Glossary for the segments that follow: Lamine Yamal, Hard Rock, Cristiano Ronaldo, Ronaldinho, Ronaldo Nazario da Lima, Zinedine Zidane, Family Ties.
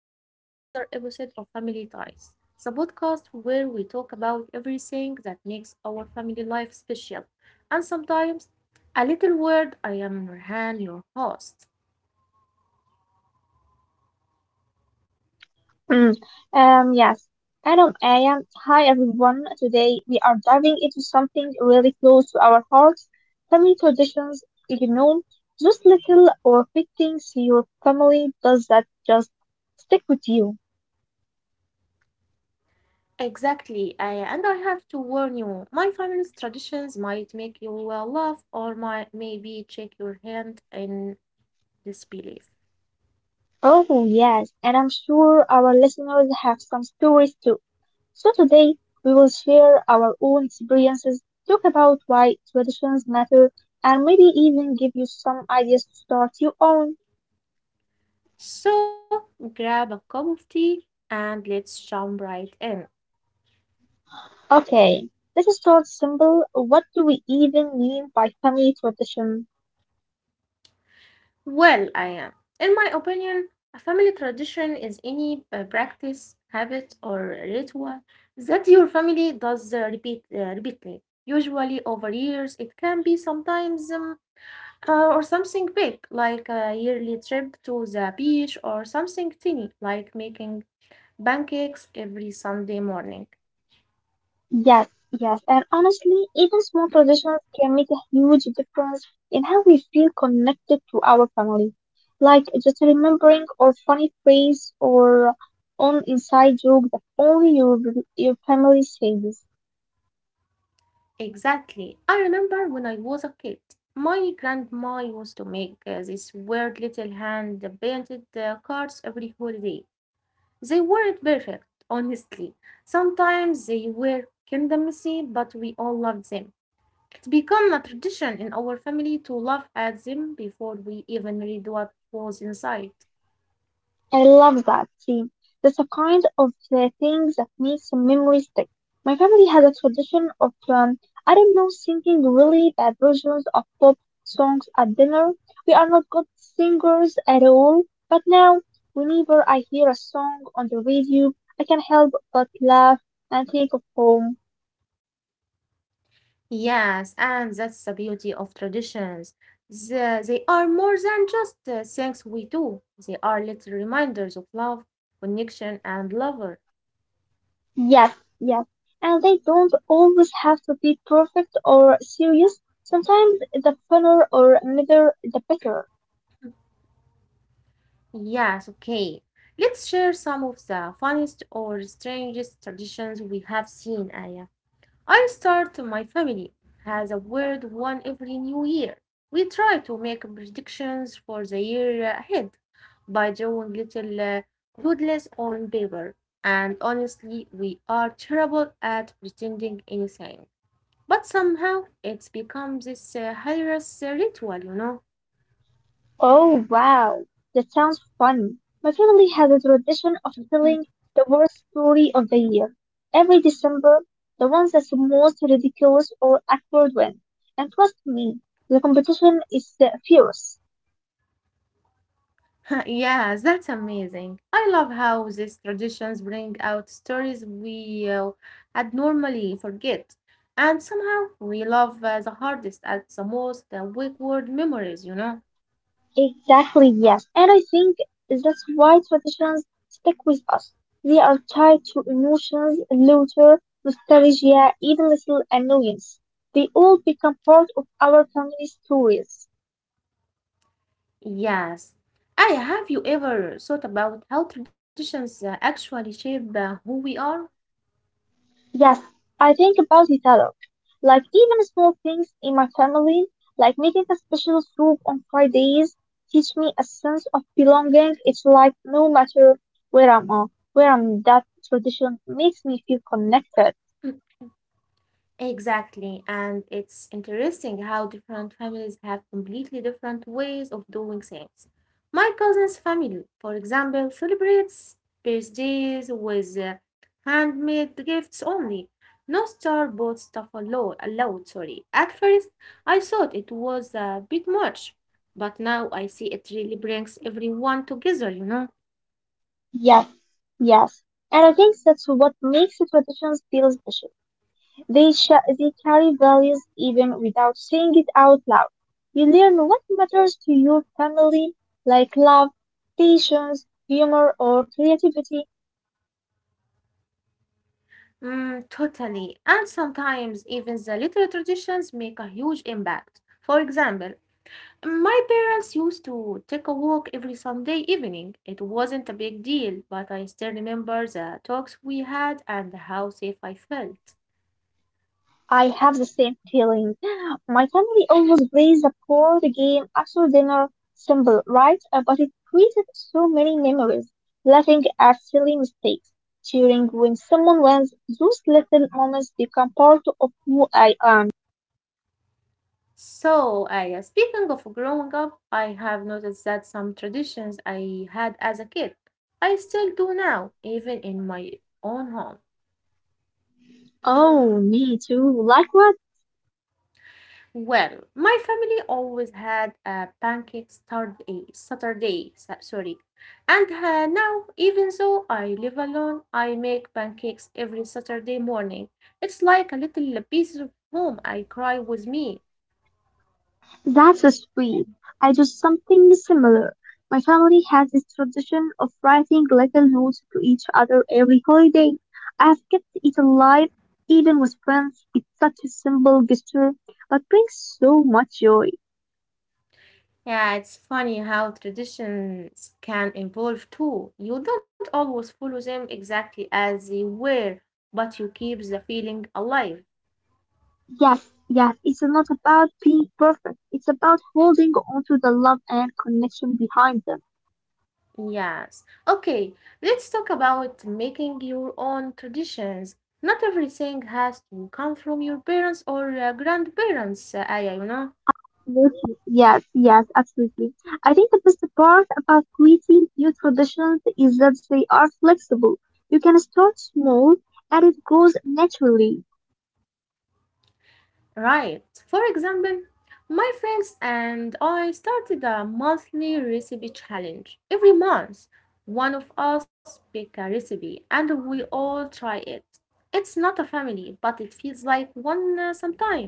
welcome to another episode of Family Ties, the podcast where we talk about everything that makes our family life special, and sometimes a little word. I am Nurhan, your host. Mm, yes. Adam, I am. Hi, everyone. Today we are diving into something really close to our hearts, family traditions. You know, those little or big things your family does that just stick with you. Exactly, I, and I have to warn you, my family's traditions might make you laugh or might maybe shake your hand in disbelief. Oh, yes. And I'm sure our listeners have some stories too. So today we will share our own experiences, talk about why traditions matter, and maybe even give you some ideas to start your own. So grab a cup of tea and let's jump right in. Okay, this is not simple. What do we even mean by family tradition? Well, I am. In my opinion, a family tradition is any practice, habit, or ritual that your family does repeatedly, usually over years. It can be sometimes or something big, like a yearly trip to the beach, or something tiny, like making pancakes every Sunday morning. Yes, yes, and honestly, even small traditions can make a huge difference in how we feel connected to our family. Like just remembering or funny phrase or on inside joke that only your family says. Exactly. I remember when I was a kid, my grandma used to make these weird little hand painted cards every holiday. They weren't perfect, honestly. Sometimes they were kinda messy, but we all loved them. It's become a tradition in our family to laugh at them before we even read what was inside. I love that. See, that's the kind of things that makes a memory stick. My family has a tradition of, I don't know, singing really bad versions of pop songs at dinner. We are not good singers at all, but now, whenever I hear a song on the radio, I can help but laugh and think of home. Yes, and that's the beauty of traditions. They are more than just things we do, they are little reminders of love, connection, and lover. Yes, yes. And they don't always have to be perfect or serious. Sometimes the funner or middle, the better. Yes, okay. Let's share some of the funniest or strangest traditions we have seen, Aya. I start my family has a weird one every new year. We try to make predictions for the year ahead by drawing little doodles on paper. And honestly, we are terrible at pretending anything. But somehow it's become this hilarious ritual, you know. Oh wow, that sounds fun. My family has a tradition of telling the worst story of the year. Every December, the ones that's the most ridiculous or awkward win. And trust me, the competition is fierce. Yes, that's amazing. I love how these traditions bring out stories we had normally forget. And somehow we love the hardest at the most wayward memories, you know? Exactly, yes. And I think that's why traditions stick with us. They are tied to emotions, laughter, nostalgia, even little annoyance. They all become part of our family stories. Yes. I have you ever thought about how traditions actually shape who we are? Yes, I think about it a lot. Like even small things in my family, like making a special soup on Fridays, teach me a sense of belonging. It's like no matter where I'm at, where I'm that tradition makes me feel connected. Exactly. And it's interesting how different families have completely different ways of doing things. My cousin's family, for example, celebrates birthdays with handmade gifts only. No store-bought stuff allowed, sorry. At first, I thought it was a bit much, but now I see it really brings everyone together, you know. Yes, yes. And I think that's what makes the traditions feel special. They carry values even without saying it out loud. You learn what matters to your family, like love, patience, humor, or creativity. Mm, totally. And sometimes even the little traditions make a huge impact. For example, my parents used to take a walk every Sunday evening. It wasn't a big deal, but I still remember the talks we had and how safe I felt. I have the same feeling. My family always plays a board game after dinner. Simple, right? But it created so many memories. Laughing at silly mistakes, cheering when someone wins. Those little moments become part of who I am. So, I, speaking of growing up, I have noticed that some traditions I had as a kid, I still do now, even in my own home. Oh, me too. Likewise. Well, my family always had a pancake Saturday, so- sorry. And now, even though I live alone, I make pancakes every Saturday morning. It's like a little piece of home I cry with me. That's sweet. I do something similar. My family has this tradition of writing little notes to each other every holiday. I've kept it alive even with friends. It's such a simple gesture, but brings so much joy. Yeah, it's funny how traditions can evolve too. You don't always follow them exactly as they were, but you keep the feeling alive. Yes, yes, it's not about being perfect. It's about holding on to the love and connection behind them. Yes. Okay, let's talk about making your own traditions. Not everything has to come from your parents or grandparents, Aya, you know? Absolutely. Yes, yes, absolutely. I think the best part about creating new traditions is that they are flexible. You can start small and it grows naturally. Right. For example, my friends and I started a monthly recipe challenge. Every month, one of us pick a recipe and we all try it. It's not a family, but it feels like one sometimes.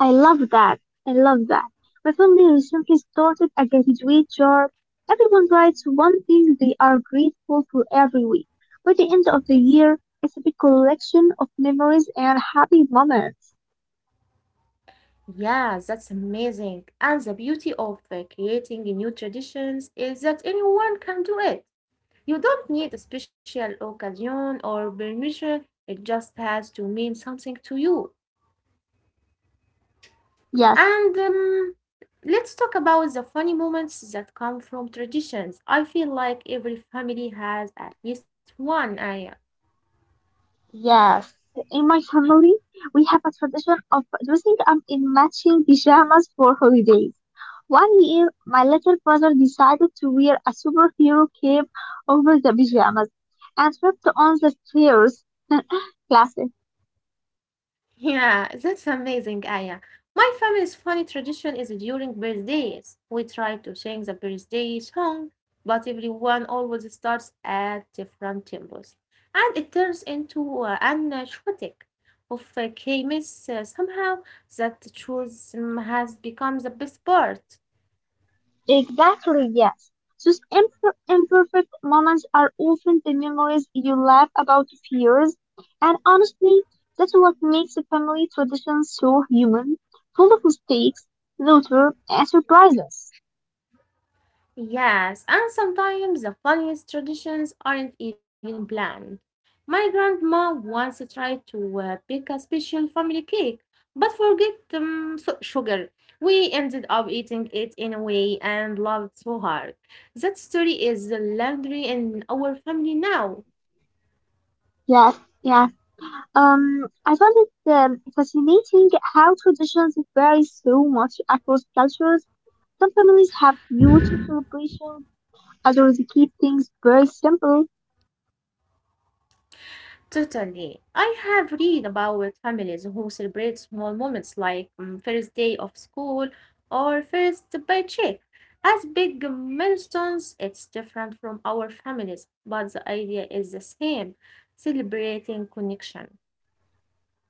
I love that. I love that. My family recently started a gratitude jar. Everyone writes one thing they are grateful for every week. By the end of the year, it's a big collection of memories and happy moments. Yeah, that's amazing. And the beauty of creating new traditions is that anyone can do it. You don't need a special occasion or permission, it just has to mean something to you. Yes. And let's talk about the funny moments that come from traditions. I feel like every family has at least one, I. Yes, in my family, we have a tradition of dressing up in matching pajamas for holidays. One year, my little brother decided to wear a superhero cape over the pajamas and tripped on the stairs. Classic. Yeah, that's amazing, Aya. My family's funny tradition is during birthdays. We try to sing the birthday song, but everyone always starts at different tempos, and it turns into an shortic of K-miss somehow that choose has become the best part. Exactly, yes. Those imperfect moments are often the memories you laugh about for years. And honestly, that's what makes a family tradition so human, full of mistakes, laughter, and surprises. Yes, and sometimes the funniest traditions aren't even planned. My grandma once tried to bake a special family cake, but forget sugar. We ended up eating it anyway and loved so hard. That story is legendary in our family now. Yes, yes. I found it fascinating how traditions vary so much across cultures. Some families have huge celebrations, others keep things very simple. Totally. I have read about families who celebrate small moments like mm, first day of school or first paycheck as big milestones. It's different from our families, but the idea is the same, celebrating connection.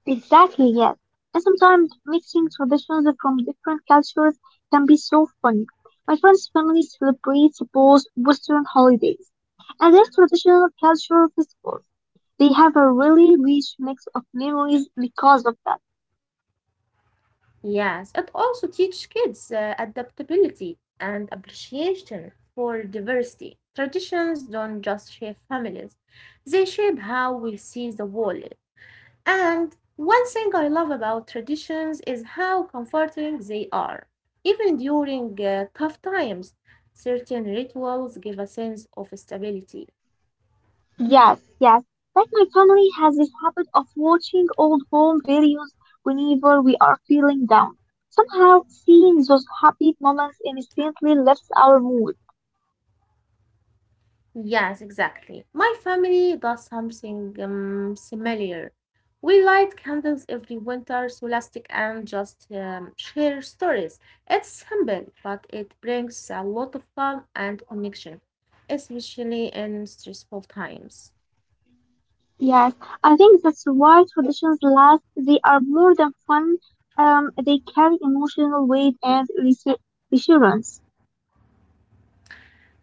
Exactly, yes. And sometimes mixing traditions from different cultures can be so fun. My friend's family celebrates both Western holidays and their traditional cultural festivals. They have a really rich mix of memories because of that. Yes, it also teaches kids adaptability and appreciation for diversity. Traditions don't just shape families, they shape how we see the world. And one thing I love about traditions is how comforting they are. Even during tough times, certain rituals give a sense of stability. Yes, yes. Like my family has this habit of watching old home videos whenever we are feeling down. Somehow, seeing those happy moments instantly lifts our mood. Yes, exactly. My family does something similar. We light candles every winter, solastic, and just share stories. It's simple, but it brings a lot of calm and connection, especially in stressful times. Yes, I think that's why traditions last. They are more than fun. They carry emotional weight and reassurance.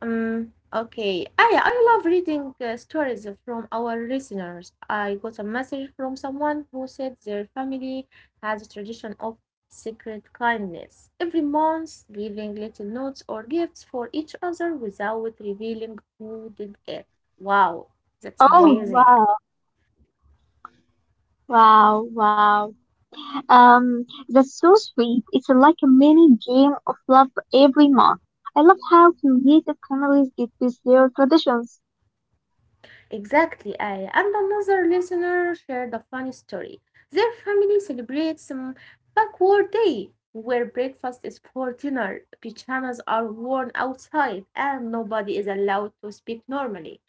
Okay. Ah. Yeah. I love reading stories from our listeners. I got a message from someone who said their family has a tradition of secret kindness. Every month, leaving little notes or gifts for each other without revealing who did it. Wow, that's Oh, amazing. wow. Wow, wow. That's so sweet. It's like a mini game of love every month. I love how creative families get with their traditions. Exactly, Aya. And another listener shared a funny story. Their family celebrates Backward Day, where breakfast is for dinner, pajamas are worn outside, and nobody is allowed to speak normally.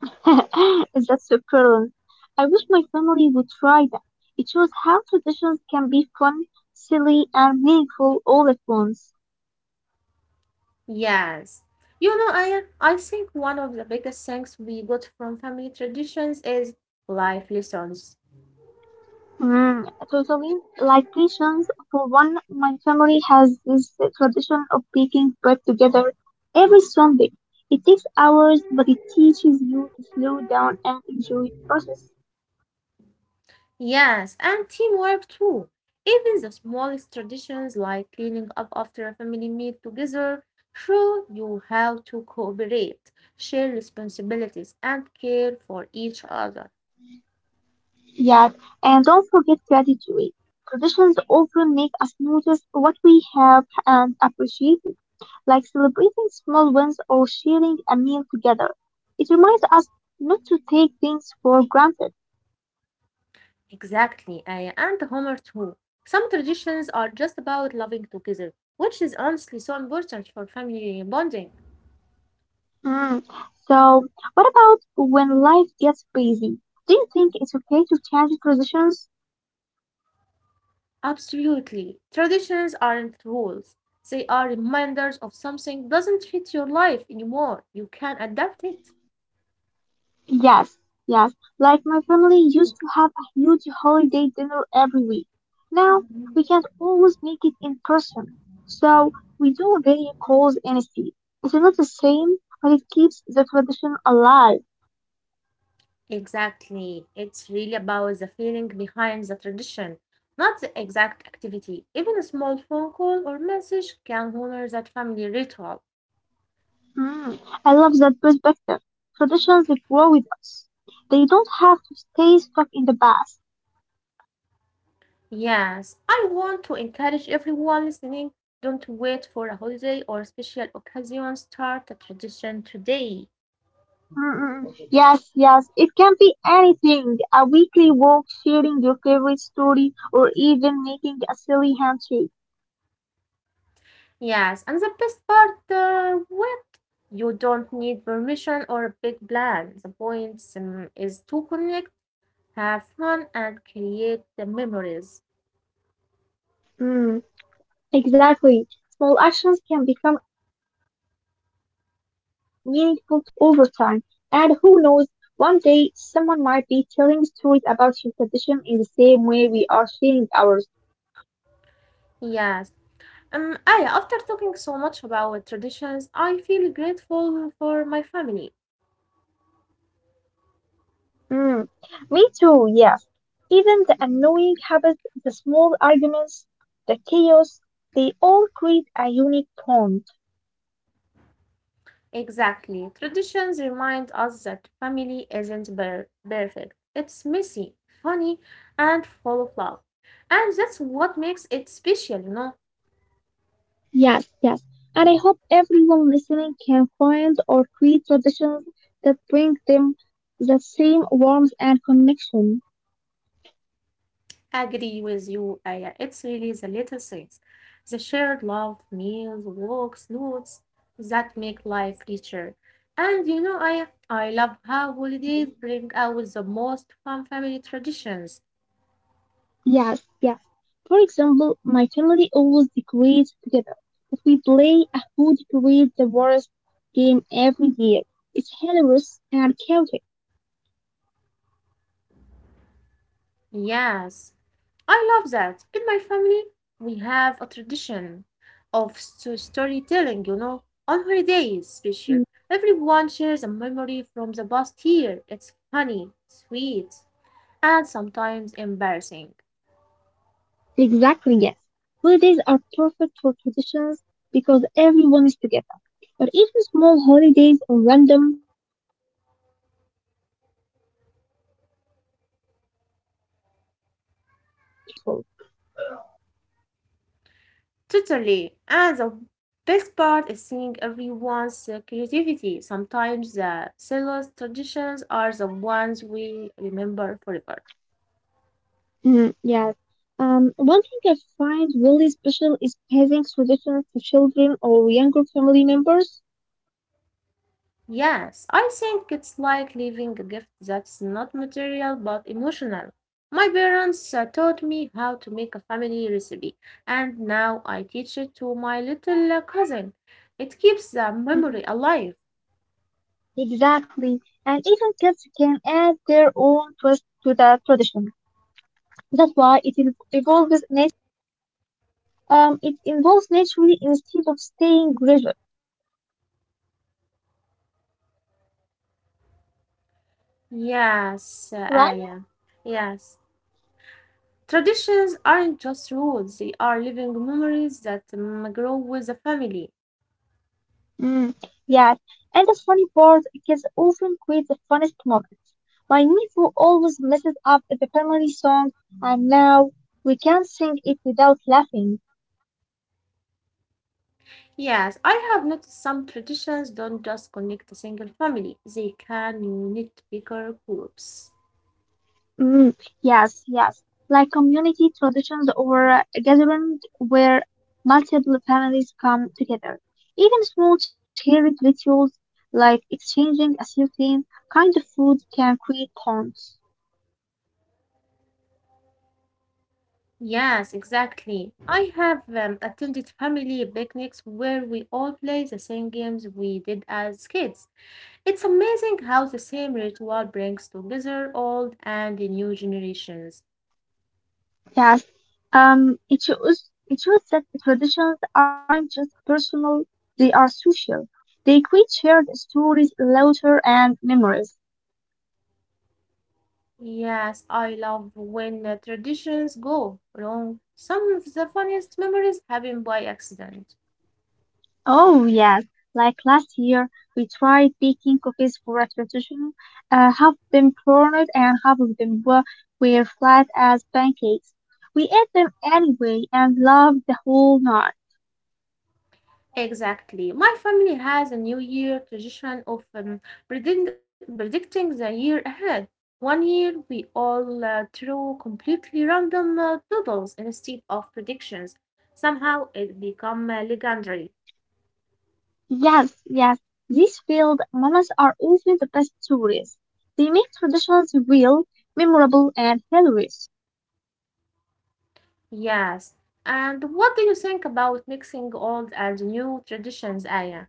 That's superb. I wish my family would try that. It shows how traditions can be fun, silly, and meaningful all at once. Yes. You know, Aya, I think one of the biggest things we got from family traditions is life lessons. Mm, totally. Like Christians, for one, my family has this tradition of baking bread together every Sunday. It takes hours, but it teaches you to slow down and enjoy the process. Yes, and teamwork too. Even the smallest traditions like cleaning up after a family meal together show you how to cooperate, share responsibilities, and care for each other. Yes, and don't forget gratitude. Traditions often make us notice what we have and appreciate it, like celebrating small wins or sharing a meal together. It reminds us not to take things for granted. Exactly, I and Homer too. Some traditions are just about loving together, which is honestly so important for family bonding. Mm. So, what about when life gets busy? Do you think it's okay to change traditions? Absolutely. Traditions aren't rules. They are reminders of something doesn't fit your life anymore. You can adapt it. Yes, yes. Like my family used to have a huge holiday dinner every week. Now, Mhm. we can't always make it in person. So, we do video calls instead. It's not the same, but it keeps the tradition alive. Exactly. It's really about the feeling behind the tradition, not the exact activity. Even a small phone call or message can honor that family ritual. Mm. I love that perspective. Traditions that grow with us. They don't have to stay stuck in the past. Yes, I want to encourage everyone listening, don't wait for a holiday or special occasion, start a tradition today. Mm-mm. Yes, yes, it can be anything. A weekly walk, sharing your favorite story, or even making a silly handshake. Yes, and the best part, what? You don't need permission or a big plan. The point is to connect, have fun and create the memories. Mm, exactly. Small actions can become meaningful traditions over time. And who knows, one day someone might be telling stories about your tradition in the same way we are sharing ours. Yes. Aya, after talking so much about traditions, I feel grateful for my family. Mm, me too, yes. Even the annoying habits, the small arguments, the chaos, they all create a unique bond. Exactly. Traditions remind us that family isn't perfect. It's messy, funny, and full of love. And that's what makes it special, you know. Yes, yes. And I hope everyone listening can find or create traditions that bring them the same warmth and connection. Agree with you, Aya. It's really the little things, the shared love, meals, walks, notes that make life richer. And you know, Aya, I love how holidays bring out the most fun family traditions. Yes, yes. For example, my family always decorates together, but we play a who decorates the worst game every year. It's hilarious and chaotic. Yes, I love that. In my family, we have a tradition of storytelling, you know, on holidays special. Everyone shares a memory from the past year. It's funny, sweet, and sometimes embarrassing. Exactly, yes. Holidays are perfect for traditions because everyone is together. But even small holidays or random mini celebrations during the year can become meaningful. Totally. And the best part is seeing everyone's creativity. Sometimes the silliest traditions are the ones we remember forever. Mm, yes. One thing I find really special is passing traditions to children or younger family members. Yes, I think it's like leaving a gift that's not material but emotional. My parents taught me how to make a family recipe, and now I teach it to my little cousin. It keeps the Mm, memory alive. exactly. And even kids can add their own twist to the tradition. That's why it evolves naturally instead of staying rigid, Yes, right? Aya. Yes. Traditions aren't just rules, they are living memories that grow with the family. Mm, yes. And the funny part, kids often create the funniest moments. My nephew always messes up the family song, and now we can't sing it without laughing. Yes, I have noticed some traditions don't just connect a single family, they can unite bigger groups. Mm, yes, yes. Like community traditions or gatherings where multiple families come together. Even small shared rituals like exchanging a certain kind of food can create bonds. Yes, exactly. I have attended family picnics where we all play the same games we did as kids. It's amazing how the same ritual brings together old and new generations. Yes, it shows that traditions aren't just personal; they are social. They create shared stories, laughter, and memories. Yes, I love when traditions go wrong. Some of the funniest memories happen by accident. Oh yes, like last year we tried baking cookies for a tradition. Half of them burned and half of them were flat as pancakes. We ate them anyway and loved the whole night. Exactly. My family has a New Year tradition of predicting the year ahead. One year, we all threw completely random doodles instead of predictions. Somehow, it became legendary. Yes, yes. These field mamas are often the best tourists. They make traditions real, memorable, and hilarious. Yes. And what do you think about mixing old and new traditions, Aya?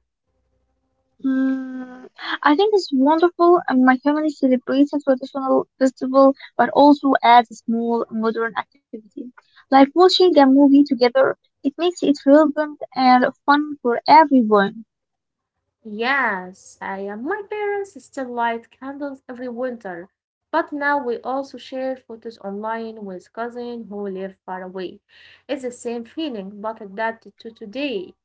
Mm, I think it's wonderful. And My family celebrates a traditional festival, but also adds a small modern activity, like watching a movie together. It makes it relevant and fun for everyone. Yes, I am. My parents still light candles every winter, but now we also share photos online with cousins who live far away. It's the same feeling, but adapted to today.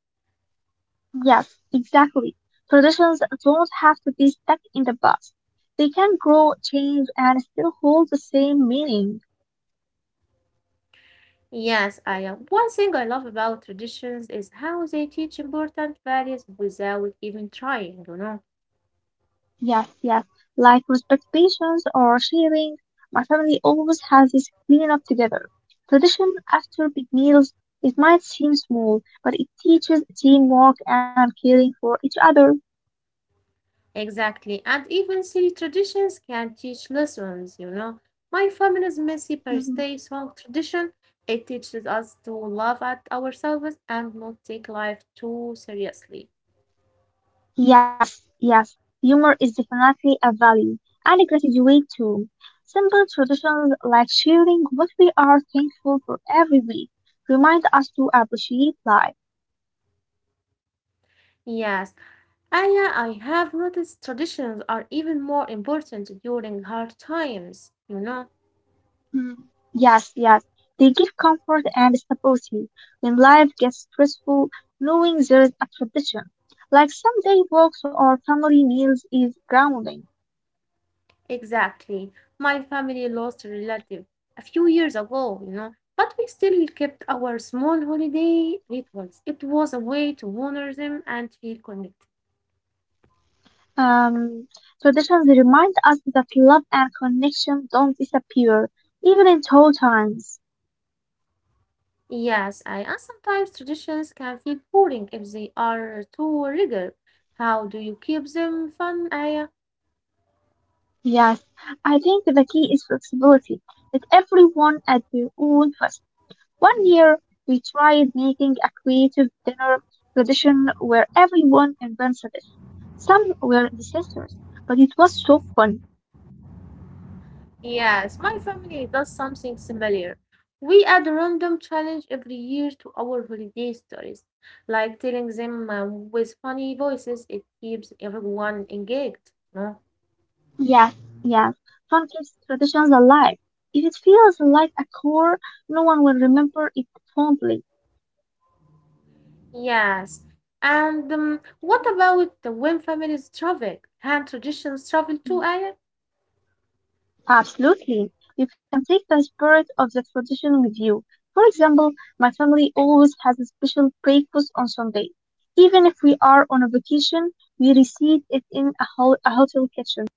Yes, exactly. Traditions don't have to be stuck in the past. They can grow, change, and still hold the same meaning. Yes, I am. One thing I love about traditions is how they teach important values without even trying, you know. Yes, yes. Like respectations or sharing, my family always has this clean up together. Tradition after big meals, it might seem small, but it teaches teamwork and caring for each other. Exactly. And even silly traditions can teach lessons, you know. My family's messy birthday Mhm. song tradition, it teaches us to laugh at ourselves and not take life too seriously. Yes, yes. Humor is definitely a value and gratitude too. Simple traditions like sharing what we are thankful for every week remind us to appreciate life. Yes, and yeah, I have noticed traditions are even more important during hard times, you know. Mm, yes, yes. They give comfort and stability when life gets stressful, knowing there is a tradition. Like someday walks or family meals is grounding. Exactly. My family lost a relative a few years ago, you know, but we still kept our small holiday rituals. It was a way to honor them and feel connected. Um, Traditions remind us that love and connection don't disappear, even in tough times. Yes, I, and sometimes traditions can feel boring if they are too rigid. How do you keep them fun? I Yes, I think the key is flexibility. Let everyone at their own pace. One year, we tried making a creative dinner tradition where everyone invents a dish. Some were disasters, but it was so fun. Yes, my family does something similar. We add a random challenge every year to our holiday stories, like telling them with funny voices. It keeps everyone engaged, no? Yes, yes, fun keeps traditions alive. If it feels like a chore, no one will remember it fondly. Yes. And what about the when families travel? Can traditions travel too, Mm. Aya? Absolutely. You can take the spirit of the tradition with you. For example, my family always has a special breakfast on Sunday. Even if we are on a vacation, we receive it in a hotel kitchen.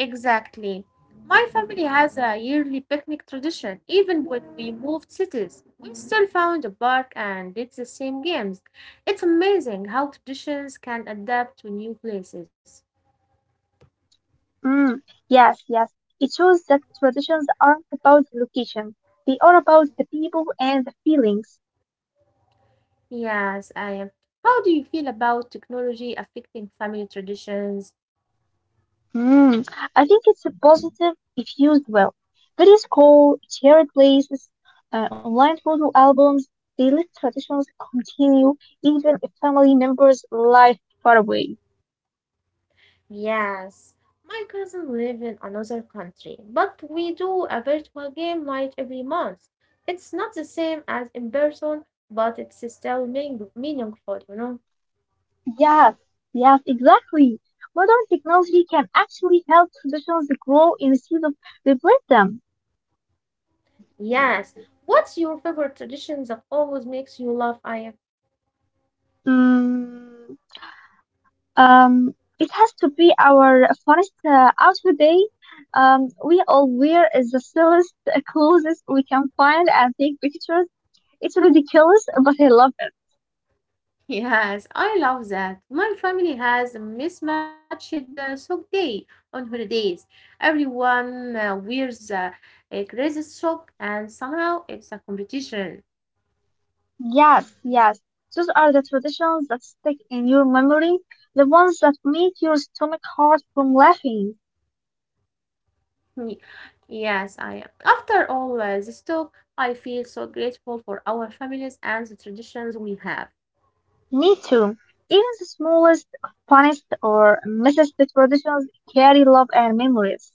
Exactly. My family has a yearly picnic tradition. Even when we moved cities, we still found a park and did the same games. It's amazing how traditions can adapt to new places. Mm, yes, yes. It shows that traditions aren't about the location. They are about the people and the feelings. Yes, I am. How do you feel about technology affecting family traditions? Mm, I think it's a positive if used well. Videos call, shared places, online photo albums, they let traditions continue even if family members live far away. Yes, my cousin live in another country, but we do a virtual game night every month. It's not the same as in person, but it's still meaningful. Yes, yes, exactly. Modern technology can actually help traditions grow instead of replace them. Yes. What's your favorite tradition that always makes you laugh, Aya? Mm. Um, it has to be our funnest outfit day. We all wear the silliest clothes we can find and take pictures. It's ridiculous, but I love it. Yes, I love that. My family has a mismatched sock day on holidays. Everyone wears a crazy sock, and somehow it's a competition. Yes, yes. Those are the traditions that stick in your memory, the ones that make your stomach hurt from laughing. Yes, I am. After all this talk, I feel so grateful for our families and the traditions we have. Me too. Even the smallest, funniest, or missest traditions carry love and memories.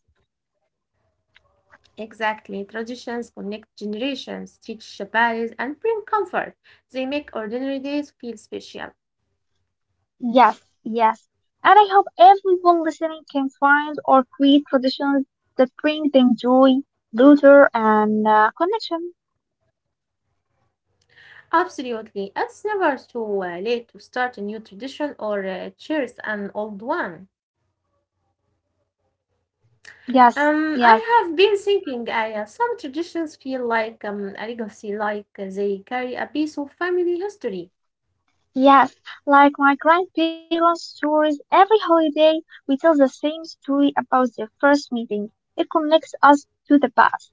Exactly. Traditions connect generations, teach Shabbatis, and bring comfort. They make ordinary days feel special. Yes, yes. And I hope everyone listening can find or create traditions that bring them joy, laughter, and connection. Absolutely. It's never too late to start a new tradition or cherish an old one. Yes, Um, yes, I have been thinking, Aya, some traditions feel like a legacy, like they carry a piece of family history. yes. Like my grandparents' stories, every holiday we tell the same story about their first meeting. It connects us to the past.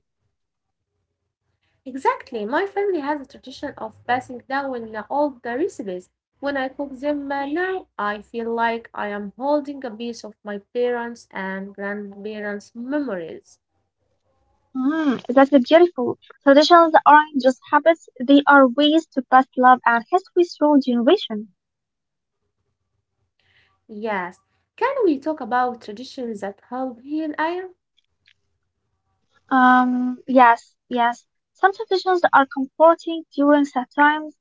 Exactly. My family has a tradition of passing down all the recipes. When I cook them now, I feel like I am holding a piece of my parents' and grandparents' memories. Mm, that's beautiful. Traditions aren't just habits, they are ways to pass love and history through generation. Yes. Can we talk about traditions that help heal iron? Yes, yes. Some traditions are comforting during sad times.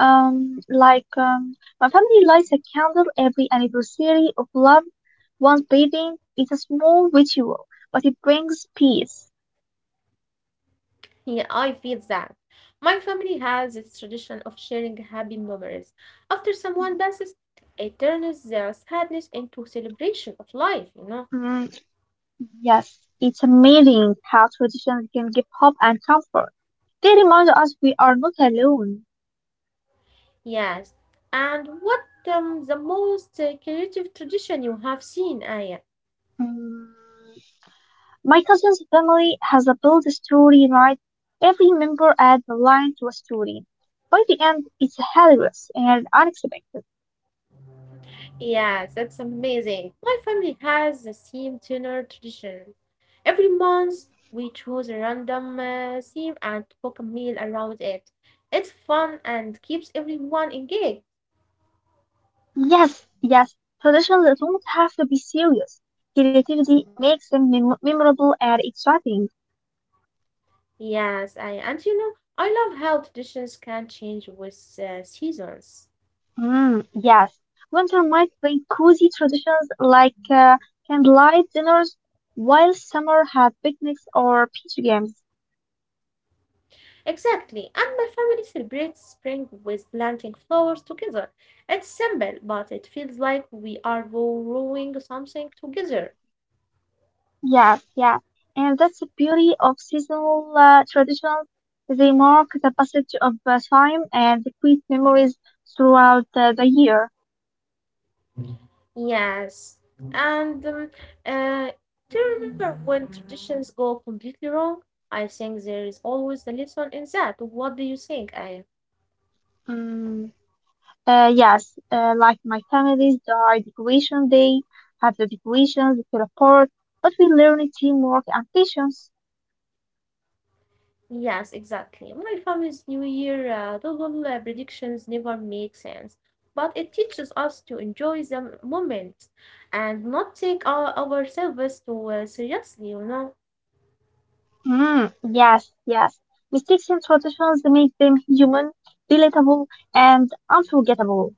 Um, like um, my family lights a candle every anniversary of love. One's bathing is a small ritual, but it brings peace. Yeah, I feel that. My family has this tradition of sharing happy memories. After someone passes, it turns their sadness into celebration of life. Mm, yes, it's amazing how traditions can give hope and comfort. They remind us we are not alone. Yes. And what the most creative tradition you have seen, Aya? Mm, my cousin's family has a build a story night. Every member adds a line to a story. By the end, it's hilarious and unexpected. Yes, that's amazing. My family has the same dinner tradition. Every month, we choose a random theme and cook a meal around it. It's fun and keeps everyone engaged. Yes, yes, traditions don't have to be serious. Creativity makes them memorable and exciting. Yes, Aya. And you know, I love how traditions can change with seasons. Mm, yes, winter might bring cozy traditions like candlelight dinners, while summer has picnics or beach games. Exactly, and my family celebrates spring with planting flowers together. It's simple, but it feels like we are growing something together. Yeah, yeah, and that's the beauty of seasonal traditions. They mark the passage of time and create memories throughout the year. Yes, and uh, do you remember when traditions go completely wrong? I think there is always a lesson in that. What do you think, Aya? Mm, yes, like my family's our decoration day, have the decorations, the teleport, but we learn teamwork and patience. Yes, exactly. My family's New Year, the whole predictions never make sense, but it teaches us to enjoy the moment and not take ourselves too seriously. Mm, yes, yes. Mistakes and traditions make them human, relatable, and unforgettable.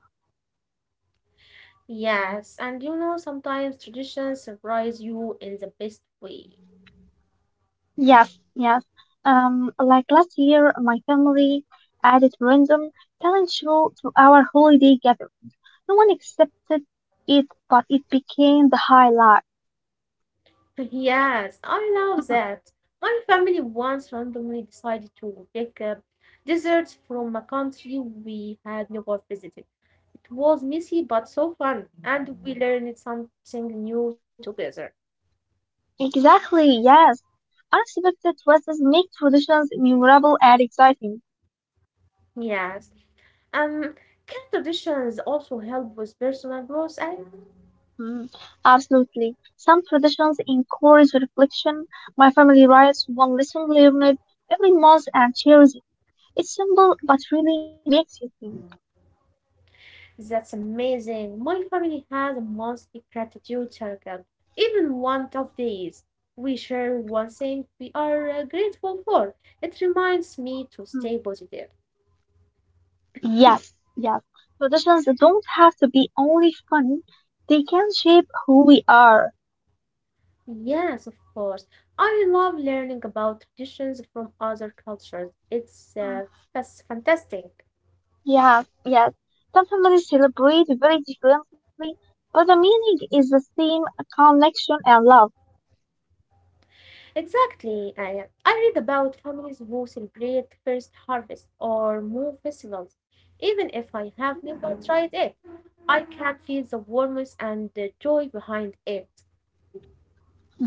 Yes, and you know, sometimes traditions surprise you in the best way. Yes, yes. Like last year, my family added random talent show to our holiday gathering. No one accepted it, but it became the highlight. Yes, I love that. My family once randomly decided to pick up desserts from a country we had never visited. It was messy but so fun, and we learned something new together. Exactly, yes. Unexpected twists make traditions memorable and exciting. Yes, um, can traditions also help with personal growth, and Mm, absolutely. Some traditions encourage reflection. My family writes one lesson learned every month and shares it. It's simple, but really makes you think. that's amazing. My family has a monthly gratitude circle. Even one tough days, we share one thing we are grateful for. It reminds me to Hmm. stay positive. Yes, yes. Traditions don't have to be only fun. They can shape who we are. Yes, of course. I love learning about traditions from other cultures. It's Mm. Fantastic. Yes, yes. Some families celebrate very differently, but the meaning is the same connection and love. Exactly. I read about families who celebrate first harvest or moon festivals. Even if I have never tried it, I can feel the warmth and the joy behind it.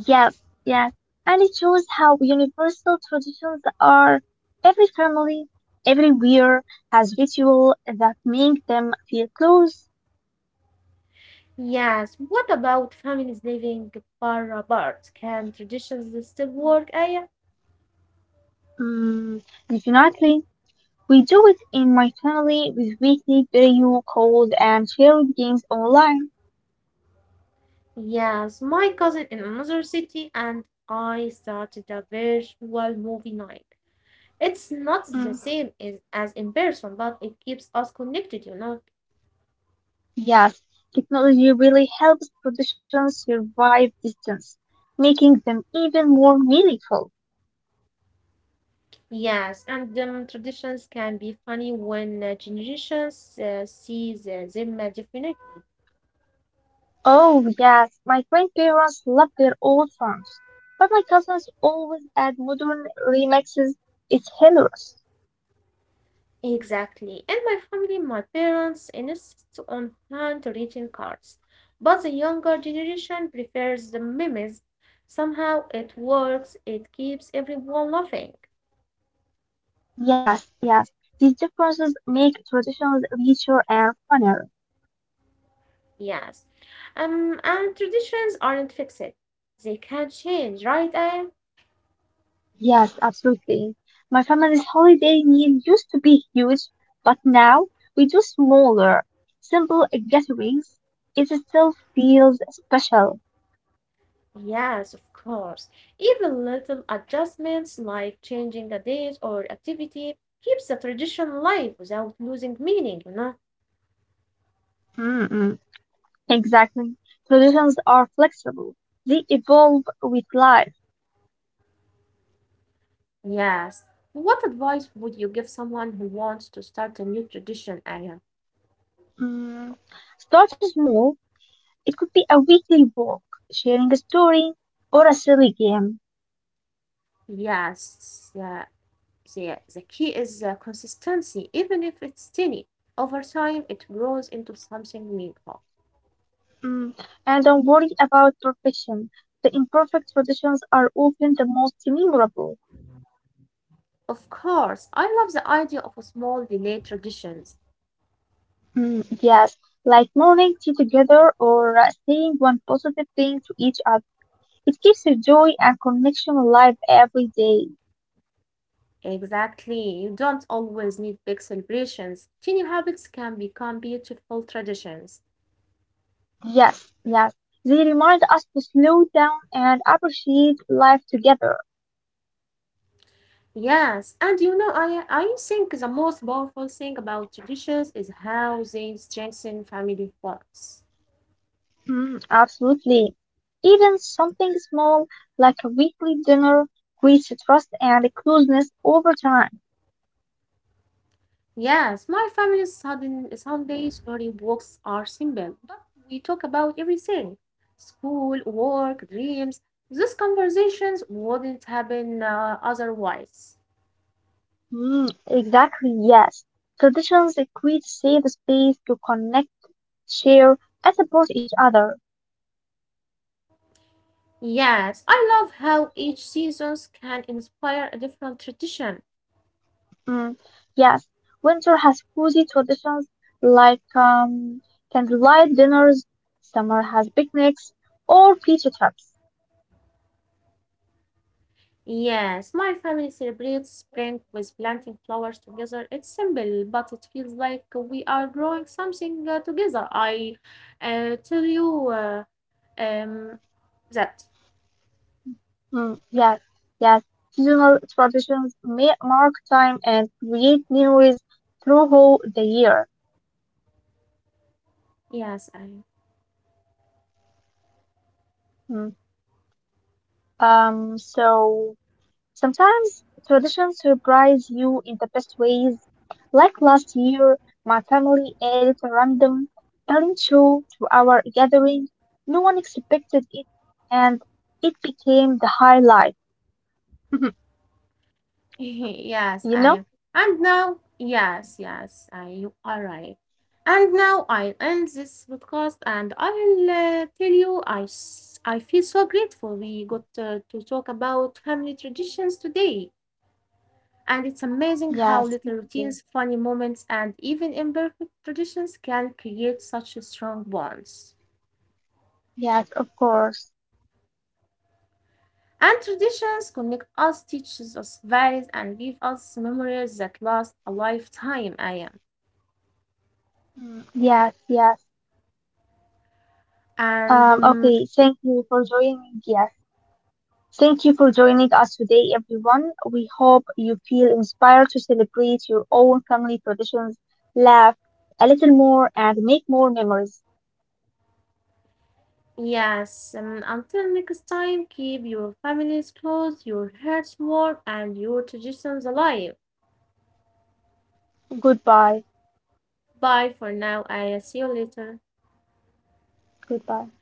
Yes, yes. And it shows how universal traditions are. Every family, everywhere has ritual that make them feel close. Yes, what about families living far apart? Can traditions still work, Aya? Mm, definitely. We do it in my family with weekly video calls and shared games online. Yes, my cousin in another city and I started a virtual movie night. It's not the Mm. same as in person, But it keeps us connected. You know. Yes, technology really helps traditions survive distance, making them even more meaningful. Yes, and traditions can be funny when generations see them differently. Oh, yes, my grandparents love their old songs, but my cousins always add modern remixes. It's hilarious. Exactly. And my family, my parents insist on handwritten cards, but the younger generation prefers the memes. Somehow it works, it keeps everyone laughing. Yes, yes, these differences make traditions richer and funnier. Yes. And traditions aren't fixed, they can change, right, Aya? Yes, absolutely. My family's holiday meal used to be huge, but now we do smaller, simple gatherings. It still feels special. Yes, of course. Even little adjustments like changing a date or activity keeps the tradition alive without losing meaning? Mm-mm. Exactly. Traditions are flexible. They evolve with life. Yes. What advice would you give someone who wants to start a new tradition, Aya? Mm. Start small. It could be a weekly walk, sharing a story, or a silly game. Yes, the key is consistency, even if it's tiny. Over time, it grows into something meaningful. Mm. And don't worry about perfection. The imperfect traditions are often the most memorable. Of course, I love the idea of small relay traditions. Mm, yes, like morning tea together or saying one positive thing to each other. It keeps the joy and connection alive every day. Exactly. You don't always need big celebrations. Tiny habits can become beautiful traditions. Yes, yes. They remind us to slow down and appreciate life together. Yes, and you know, I think the most powerful thing about traditions is how they strengthen family bonds. Mm, absolutely. Even something small like a weekly dinner creates a trust and a closeness over time. Yes, my family's sudden Sunday story walks are simple, but we talk about everything: school, work, dreams. These conversations wouldn't happen otherwise. Mm, exactly, yes. Traditions create safe space to connect, share, and support each other. Yes, I love how each seasons can inspire a different tradition. Mm, yes, winter has cozy traditions like candlelight dinners, summer has picnics or beach trips. Yes, my family celebrates spring with planting flowers together. It's simple, but it feels like we are growing something together. I tell you um, that. Mm, yes, yes, seasonal traditions may mark time and create memories throughout the year. Yes, I Mm, Um, so Sometimes traditions surprise you in the best ways. Like last year, my family added a random talent show to our gathering. No one expected it, and it became the highlight. Yes, I You am. know? And now, yes, yes, you are right. And now I'll end this podcast and I'll tell you I feel so grateful we got to talk about family traditions today. And it's amazing how Yes, little routines, funny moments, and even imperfect traditions can create such a strong bonds. yes, of course. And traditions connect us, teaches us values, and give us memories that last a lifetime. I am. Mm, yes, yes. And Okay, thank you for joining. Yes. Thank you for joining us today, everyone. We hope you feel inspired to celebrate your own family traditions, laugh a little more, and make more memories. yes, until next time, keep your families close, your hearts warm, and your traditions alive. Goodbye. Bye for now. I'll see you later. Goodbye.